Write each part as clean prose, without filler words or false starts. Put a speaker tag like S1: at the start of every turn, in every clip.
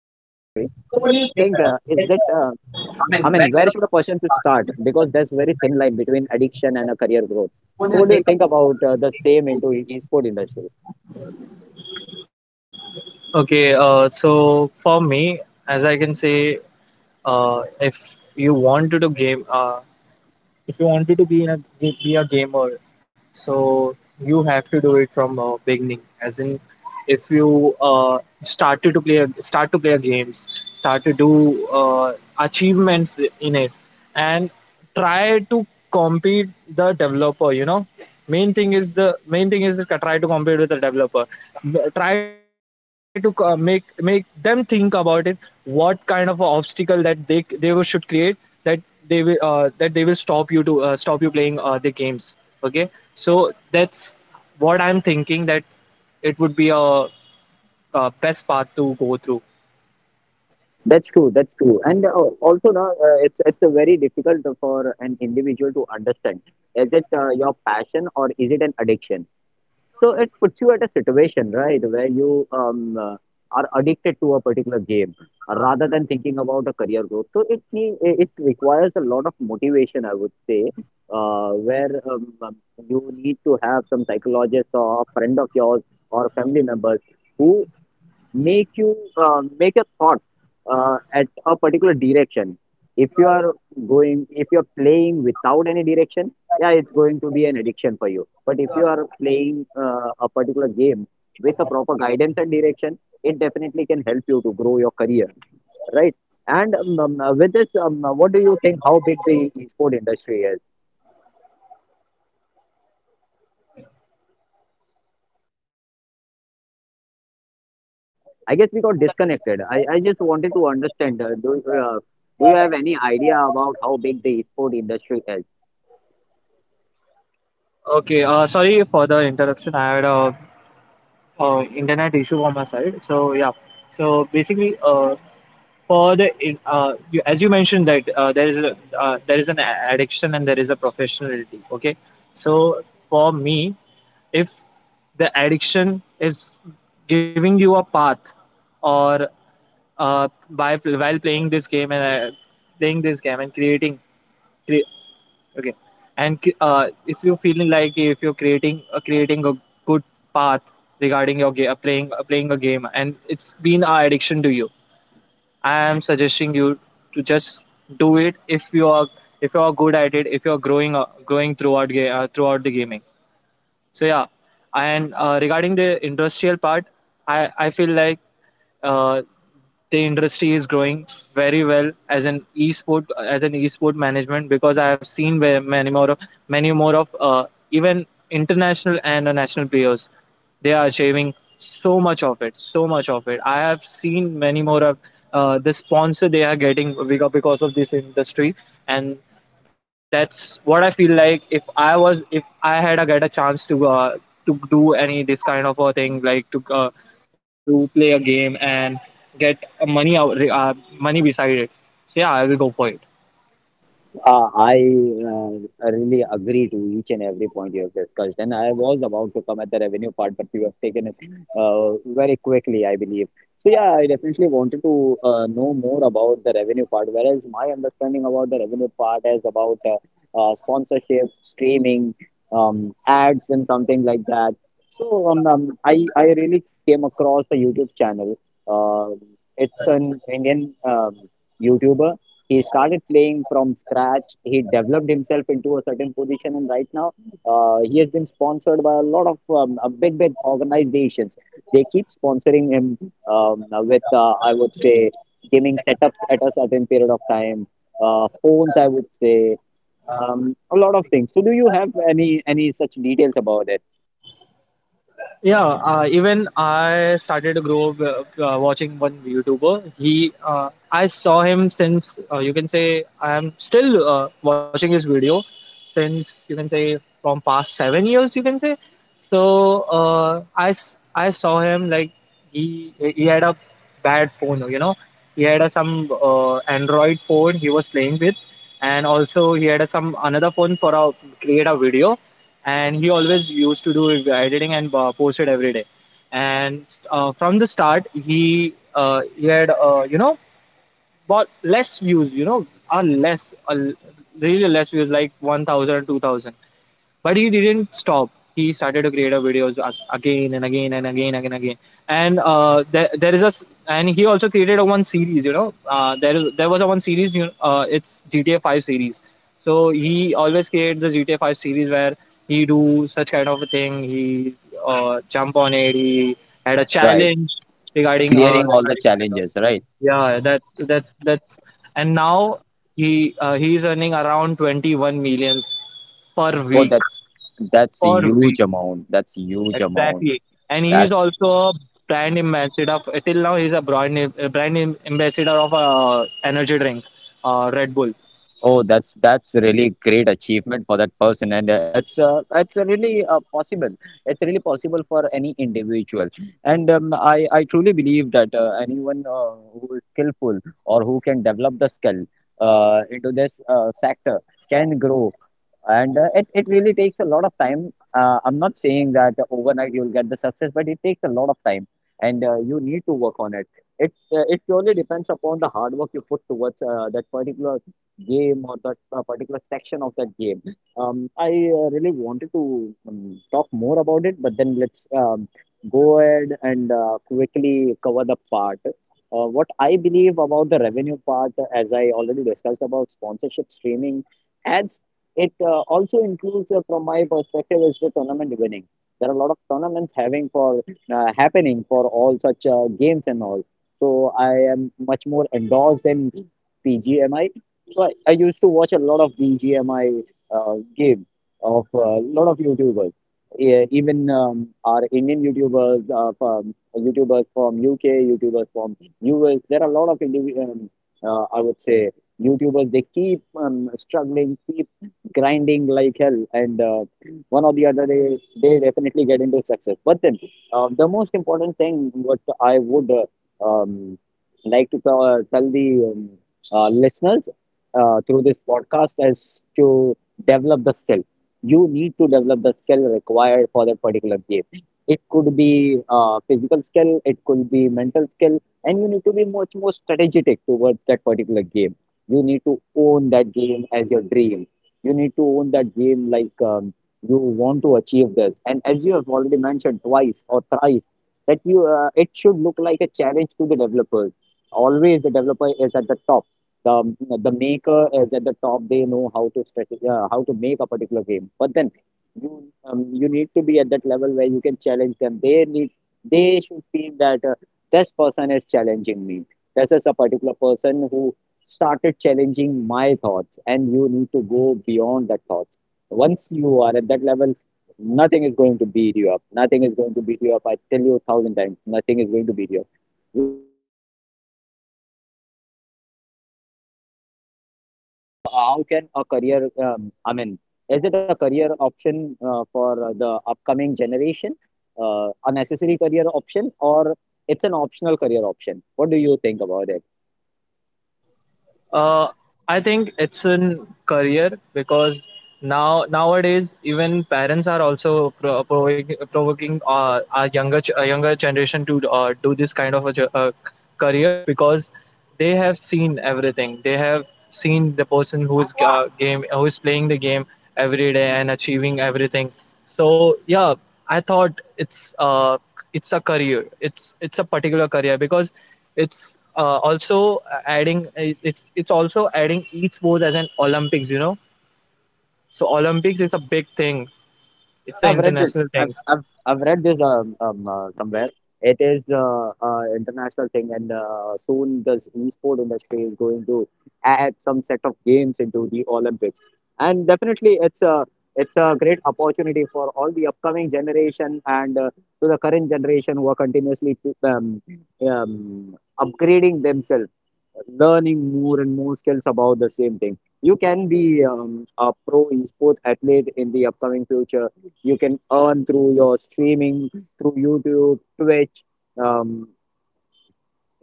S1: So what do you think, is it I mean where should a person should start, because there's very thin line between addiction and a career growth. So what do you think about the same into esport industry?
S2: Okay, so for me, as I can say, if you want to do game, if you wanted to be in a be a gamer, so you have to do it from beginning. As in, if you started to play a, start to play a games, start to do achievements in it, and try to compete the developer. You know, main thing is the main thing is to try to compete with the developer. Try to make make them think about it. What kind of obstacle that they should create that that they will stop you to stop you playing the games. Okay, so that's what I'm thinking, that it would be a, best path to go through.
S1: That's true, that's true. And also now it's a very difficult for an individual to understand is it your passion or is it an addiction. So it puts you at a situation, right, where you are addicted to a particular game rather than thinking about a career growth. So it requires a lot of motivation, I would say, where you need to have some psychologist or a friend of yours or family members who make a thought at a particular direction. If you are going if you're playing without any direction, yeah, it's going to be an addiction for you. But if you are playing a particular game with a proper guidance and direction, it definitely can help you to grow your career, right? And with this, what do you think, how big the esport industry is? I guess we got disconnected. I just wanted to understand, do you have any idea about how big the esport industry is?
S2: Okay, sorry for the interruption. I had a, internet issue on my side. So yeah, so basically for the you, as you mentioned that there is an addiction and there is a professionality. Okay, so for me, if the addiction is giving you a path or by while playing this game and playing this game and creating cre- okay, and if you're feeling like if you're creating creating a good path regarding your game playing playing a game and it's been an addiction to you, I am suggesting you to just do it if you are good at it, if you are growing throughout the gaming. So yeah, and regarding the industrial part, I feel like uh, the industry is growing very well as an esport, as an esport management, because I have seen many more of even international and national players. They are achieving so much of it. I have seen many more of the sponsor they are getting because of this industry. And that's what I feel like. If I was, if I had a get a chance to do any this kind of a thing, like to play a game and get money out, money beside it. So yeah, I will go for it.
S1: I really agree to each and every point you have discussed, and I was about to come at the revenue part, but you have taken it uh, very quickly, I believe. So yeah, I definitely wanted to know more about the revenue part. Whereas my understanding about the revenue part is about sponsorship, streaming, ads, and something like that. So I really came across a YouTube channel. Uh, it's an Indian YouTuber. He started playing from scratch. He developed himself into a certain position, and right now he has been sponsored by a lot of big organizations. They keep sponsoring him I would say, gaming setups at a certain period of time, phones, I would say, a lot of things. So, do you have any such details about it?
S2: Yeah, even I started to grow up watching one YouTuber. He I saw him since you can say I am still watching his video since, you can say, from past 7 years, you can say. So I saw him like, he had a bad phone. You know, he had a, some Android phone he was playing with, and also he had a, some another phone for a create a video, and he always used to do editing and post it every day. And from the start, he had you know, bought less views. You know, a less really less views like 1,000, 2,000. But he didn't stop. He started to create a videos again and again and again and again. And there, and he also created a one series. You know, there was a one series. You know, it's GTA Five series. So he always created the GTA Five series where he do such kind of a thing. He jump on it. He had a
S1: Right.
S2: challenge regarding
S1: Clearing all the
S2: regarding the video.
S1: challenges, right?
S2: Yeah, that's and now he is earning around 21 millions per
S1: Oh,
S2: week
S1: that's a
S2: for
S1: huge
S2: weeks.
S1: amount. That's a huge amount.
S2: Exactly. And he is
S1: That's…
S2: also a brand ambassador. Of, till now, he's a brand ambassador of energy drink, Red Bull.
S1: Oh, that's a really great achievement for that person, and it's really possible. It's really possible for any individual, and I truly believe that anyone who is skillful or who can develop the skill into this sector can grow. And it really takes a lot of time. I'm not saying that overnight you'll get the success, but it takes a lot of time, and you need to work on it. It purely depends upon the hard work you put towards that particular game or that particular section of that game. I really wanted to talk more about it, but then let's go ahead and quickly cover the part, what I believe about the revenue part. As I already discussed about sponsorship, streaming, ads, it also includes, from my perspective, is the tournament winning. There are a lot of tournaments having for happening for all such games and all. So I am much more endorsed in PGMI. So I used to watch a lot of BGMI game of a lot of YouTubers. Yeah, even our Indian YouTubers, YouTubers from UK, YouTubers from US. There are a lot of individual, I would say, YouTubers. They keep struggling, keep grinding like hell, and one or the other day, they definitely get into success. But then the most important thing what I would um, like to tell the listeners through this podcast is to develop the skill. You need to develop the skill required for that particular game. It could be physical skill, it could be mental skill, and you need to be much more strategic towards that particular game. You need to own that game as your dream. You need to own that game like, you want to achieve this. And as you have already mentioned twice or thrice, that you it should look like a challenge to the developers. Always the developer is at the top. The maker is at the top. They know how to make a particular game. But then you need to be at that level where you can challenge them. They need… they should feel that this person is challenging me, this is a particular person who started challenging my thoughts, and you need to go beyond that thoughts. Once you are at that level, nothing is going to beat you up. Nothing is going to beat you up. I tell you a 1,000 times, nothing is going to beat you up.
S3: How can a career, is it a career option for the upcoming generation, a necessary career option or it's an optional career option? What do you think about it?
S2: Uh, I think it's in career because nowadays even parents are also provoking our younger generation to do this kind of a, careers because they have seen everything. They have seen the person who is game who is playing the game every day and achieving everything. So yeah, I thought it's a career. It's a particular career because it's also adding e-sports as an Olympics, you know. So Olympics is a big thing. It's
S3: Yeah,
S2: an
S3: I've read this.
S2: international
S3: I've
S2: thing.
S3: I've, I've read this somewhere. It is international thing, and soon this e-sport industry is going to add some set of games into the Olympics, and definitely it's a great opportunity for all the upcoming generation and to the current generation who are continuously um, upgrading themselves, learning more and more skills about the same thing. You can be a pro e-sport athlete in the upcoming future. You can earn through your streaming, through youtube, twitch. Um,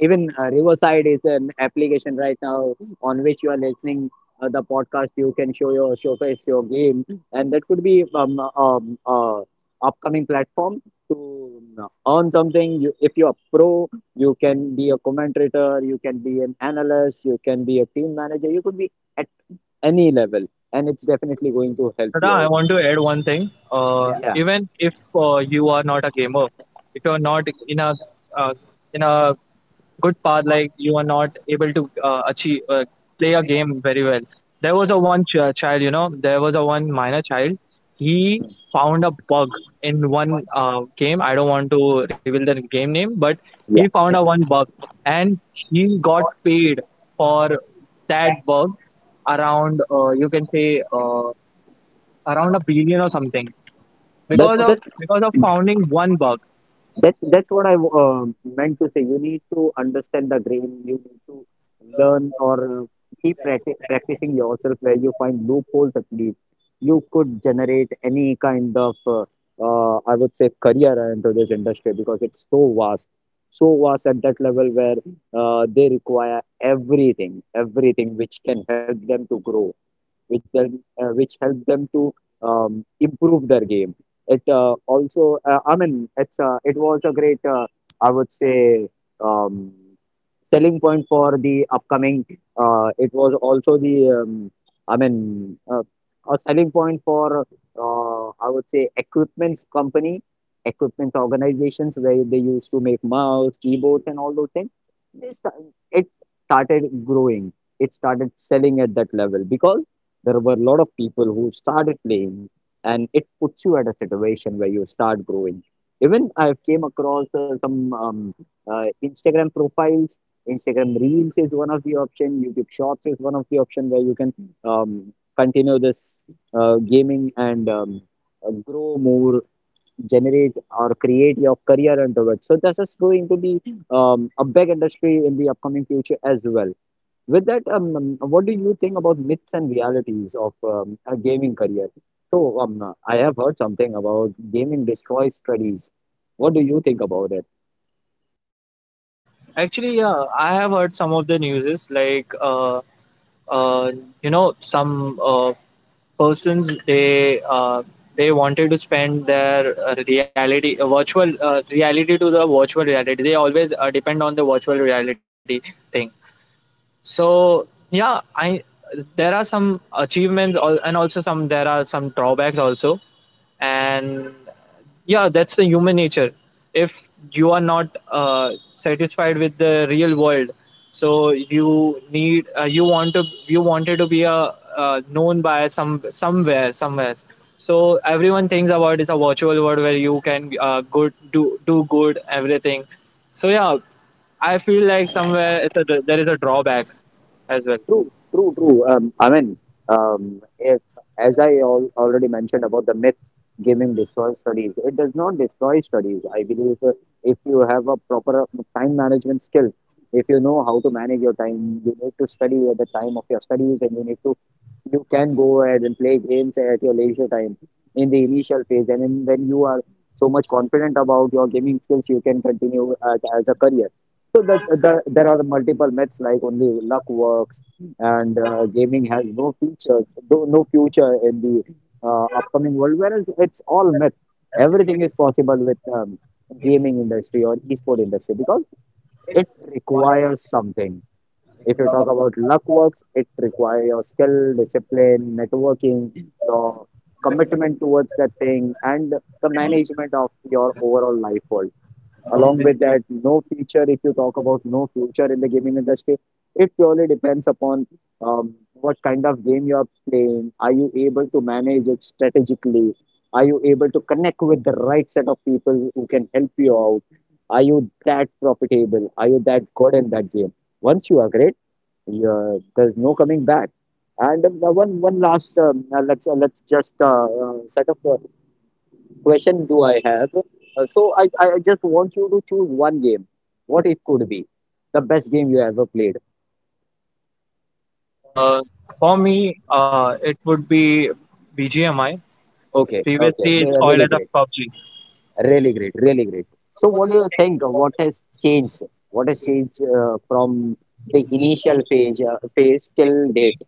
S3: even Riverside is an application right now on which you are listening. The podcast, you can showcase your game, and that could be um uh, upcoming platform to earn something. If you're pro, you can be a commentator, you can be an analyst, you can be a team manager, you could be at any level, and it's definitely going to help
S2: But
S3: you
S2: I
S3: out.
S2: want to add one thing. Yeah.
S3: Yeah.
S2: Even if you are not a gamer, if you are not in a uh, in a good part, like you are not able to achieve play a game very well. There was a one child, you know, there was a one minor child. He found a bug in one game. I don't want to reveal the game name, but he
S3: yeah
S2: found a one bug, and he got paid for that bug around, you can say, around a billion or something,
S3: that
S2: because of
S3: that's
S2: founding one bug.
S3: that's what I meant to say. You need to understand the game. You need to learn or keep practicing yourself where you find loopholes, at least. You could generate any kind of, I would say, career into this industry because it's so vast at that level where they require everything, everything which can help them to grow, which then which help them to improve their game. It also, I mean, it's it was a great, I would say, um, selling point for the upcoming. It was also um, I mean, uh, a selling point for, I would say, equipments company, equipment organizations where they used to make mouse, keyboards, and all those things. This it started growing. It started selling at that level because there were a lot of people who started playing, and it puts you at a situation where you start growing. Even I came across some um, instagram profiles. Instagram reels is one of the option, youtube shorts is one of the option where you can um, continue this gaming and grow more, generate or create your career into it. So this is going to be a big industry in the upcoming future as well. With that, what do you think about myths and realities of a gaming career? So, I have heard something about gaming destroys studies. What do you think about it?
S2: Actually, yeah, I have heard some of the news, like uh, you know, some persons, they wanted to spend their reality virtual reality to the virtual reality. They always depend on the virtual reality thing. So yeah, I there are some achievements and also some there are some drawbacks also. And yeah, that's the human nature. If you are not satisfied with the real world, so you wanted to be a known by some, somewhere, somewhere. So everyone thinks about, it's a virtual world where you can, good do good everything. So yeah, I feel like somewhere there is a drawback as well.
S3: True, true, true. If, as I al already mentioned about the myth, gaming destroys studies. It does not destroy studies. I believe, if you have a proper time management skill, if you know how to manage your time, you need to study at the time of your studies, and you need to you can go ahead and play games at your leisure time in the initial phase, and then when you are so much confident about your gaming skills, you can continue as a career. So there are multiple myths like only luck works and gaming has no futures, no future in the upcoming world, whereas it's all myth. Everything is possible with gaming industry or esport industry because it requires something. If you talk about luck works, it requires your skill, discipline, networking, your commitment towards that thing, and the management of your overall life world. Along with that, no future, if you talk about no future in the gaming industry, it purely depends upon what kind of game you are playing. Are you able to manage it strategically? Are you able to connect with the right set of people who can help you out? Are you that profitable? Are you that good in that game? Once you are great, yeah, there's no coming back. And one last let's just set up question do I have? So I just want you to choose one game. What it could be? The best game you ever played.
S2: Uh, for me uh, it would be BGMI. Okay,
S3: Okay, okay.
S2: previously it's called
S3: Really
S2: as a
S3: great,
S2: PUBG.
S3: really great, really great. So what do you think? What has changed? What has changed from the initial phase phase till date?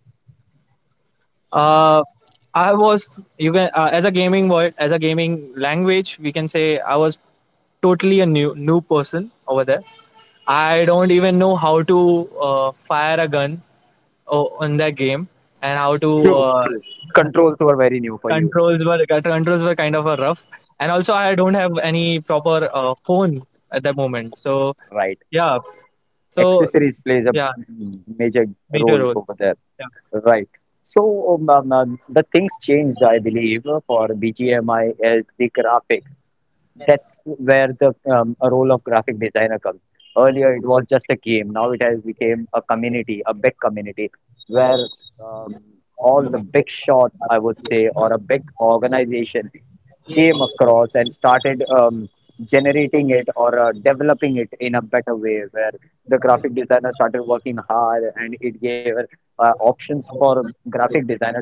S2: uh, I was, you can as a gaming word, as a gaming language, we can say I was totally a new person over there. I don't even know how to fire a gun in that game, and how to
S3: True. True. Controls were very new for you.
S2: controls were kind of a rough, and also I don't have any proper phone at that moment. So yeah, so
S3: Accessories plays a
S2: yeah,
S3: major
S2: major
S3: role
S2: role.
S3: over there, right? So the things changed, I believe. For bgmi, is the graphic. That's where the a role of graphic designer comes. Earlier it was just a game, now it has become a community, a big community, where um, all the big shots, I would say, or a big organization came across and started generating it or developing it in a better way, where the graphic designer started working hard, and it gave options for graphic designer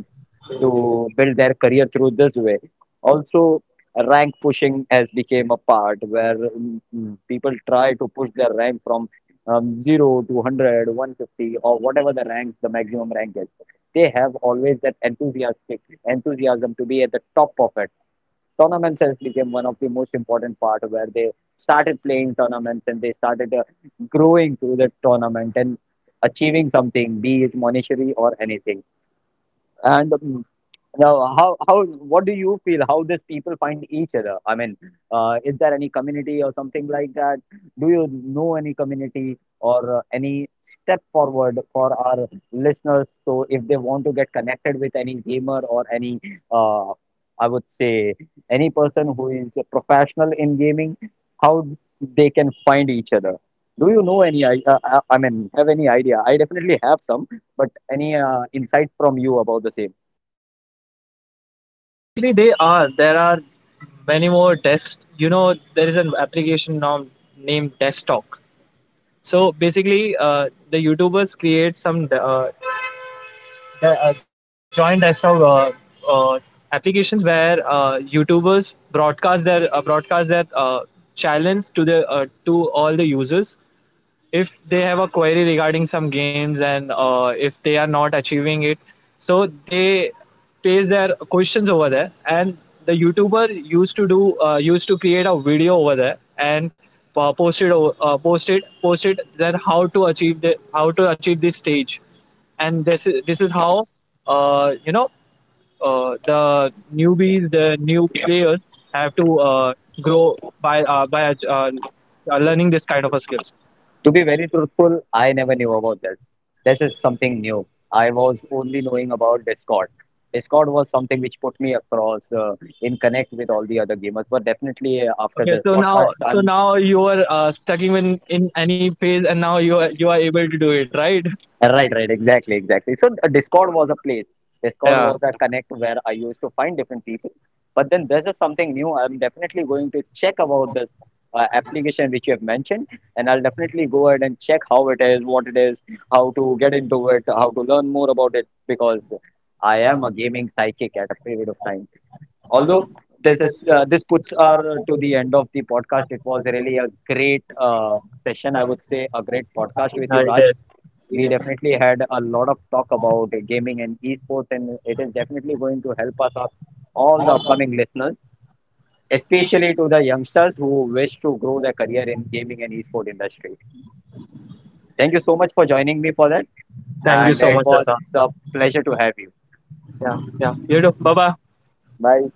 S3: to build their career through this way also. Rank pushing has become a part where people try to push their rank from 0 to 100, 150, or whatever the rank, the maximum rank is. They have always that enthusiastic enthusiasm to be at the top of it. Tournaments has became one of the most important part where they started playing tournaments, and they started growing through the tournament and achieving something, be it monetary or anything. And now, how what do you feel? How these people find each other? I mean, is there any community or something like that? Do you know any community or any step forward for our listeners? So, if they want to get connected with any gamer or any, uh, I would say, any person who is a professional in gaming, how they can find each other? Do you know any? I mean, have any idea? I definitely have some, but any insight from you about the same?
S2: Actually, they are. There are many more desks. You know, there is an application now named Desktop. So basically, the YouTubers create some joint desktop uh, applications where YouTubers broadcast their challenge to all the users. If they have a query regarding some games, and if they are not achieving it, so they place their questions over there, and the YouTuber used to create a video over there, and post it o- post it post it, then how to achieve the how to achieve this stage. And this is how, you know, the newbies, the new players have to grow by learning this kind of a skill.
S3: To be very truthful, I never knew about that. This is something new. I was only knowing about Discord. Discord was something which put me across in connect with all the other gamers. But definitely, after this
S2: Okay, so
S3: podcast,
S2: now,
S3: I'm
S2: you are stuck even in any phase, and now you are able to do it, right?
S3: Right, right, exactly, exactly. So Discord was a place. Discord
S2: Yeah,
S3: was a connect where I used to find different people. But then this is something new. I'm definitely going to check about this application which you have mentioned, and I'll definitely go ahead and check how it is, what it is, how to get into it, how to learn more about it, because I am a gaming psychic at a period of time. Although this is this puts our to the end of the podcast. It was really a great session, I would say, a great podcast with you,
S2: I
S3: Raj.
S2: did.
S3: We definitely had a lot of talk about gaming and esports, and it is definitely going to help us out, all the upcoming listeners, especially to the youngsters who wish to grow their career in gaming and esports industry. Thank you so much for joining me for that,
S2: Thank you
S3: and
S2: so
S3: it
S2: much,
S3: was
S2: Rata.
S3: a pleasure to have you.
S2: Yeah, yeah. You too. Bye bye.
S3: Bye.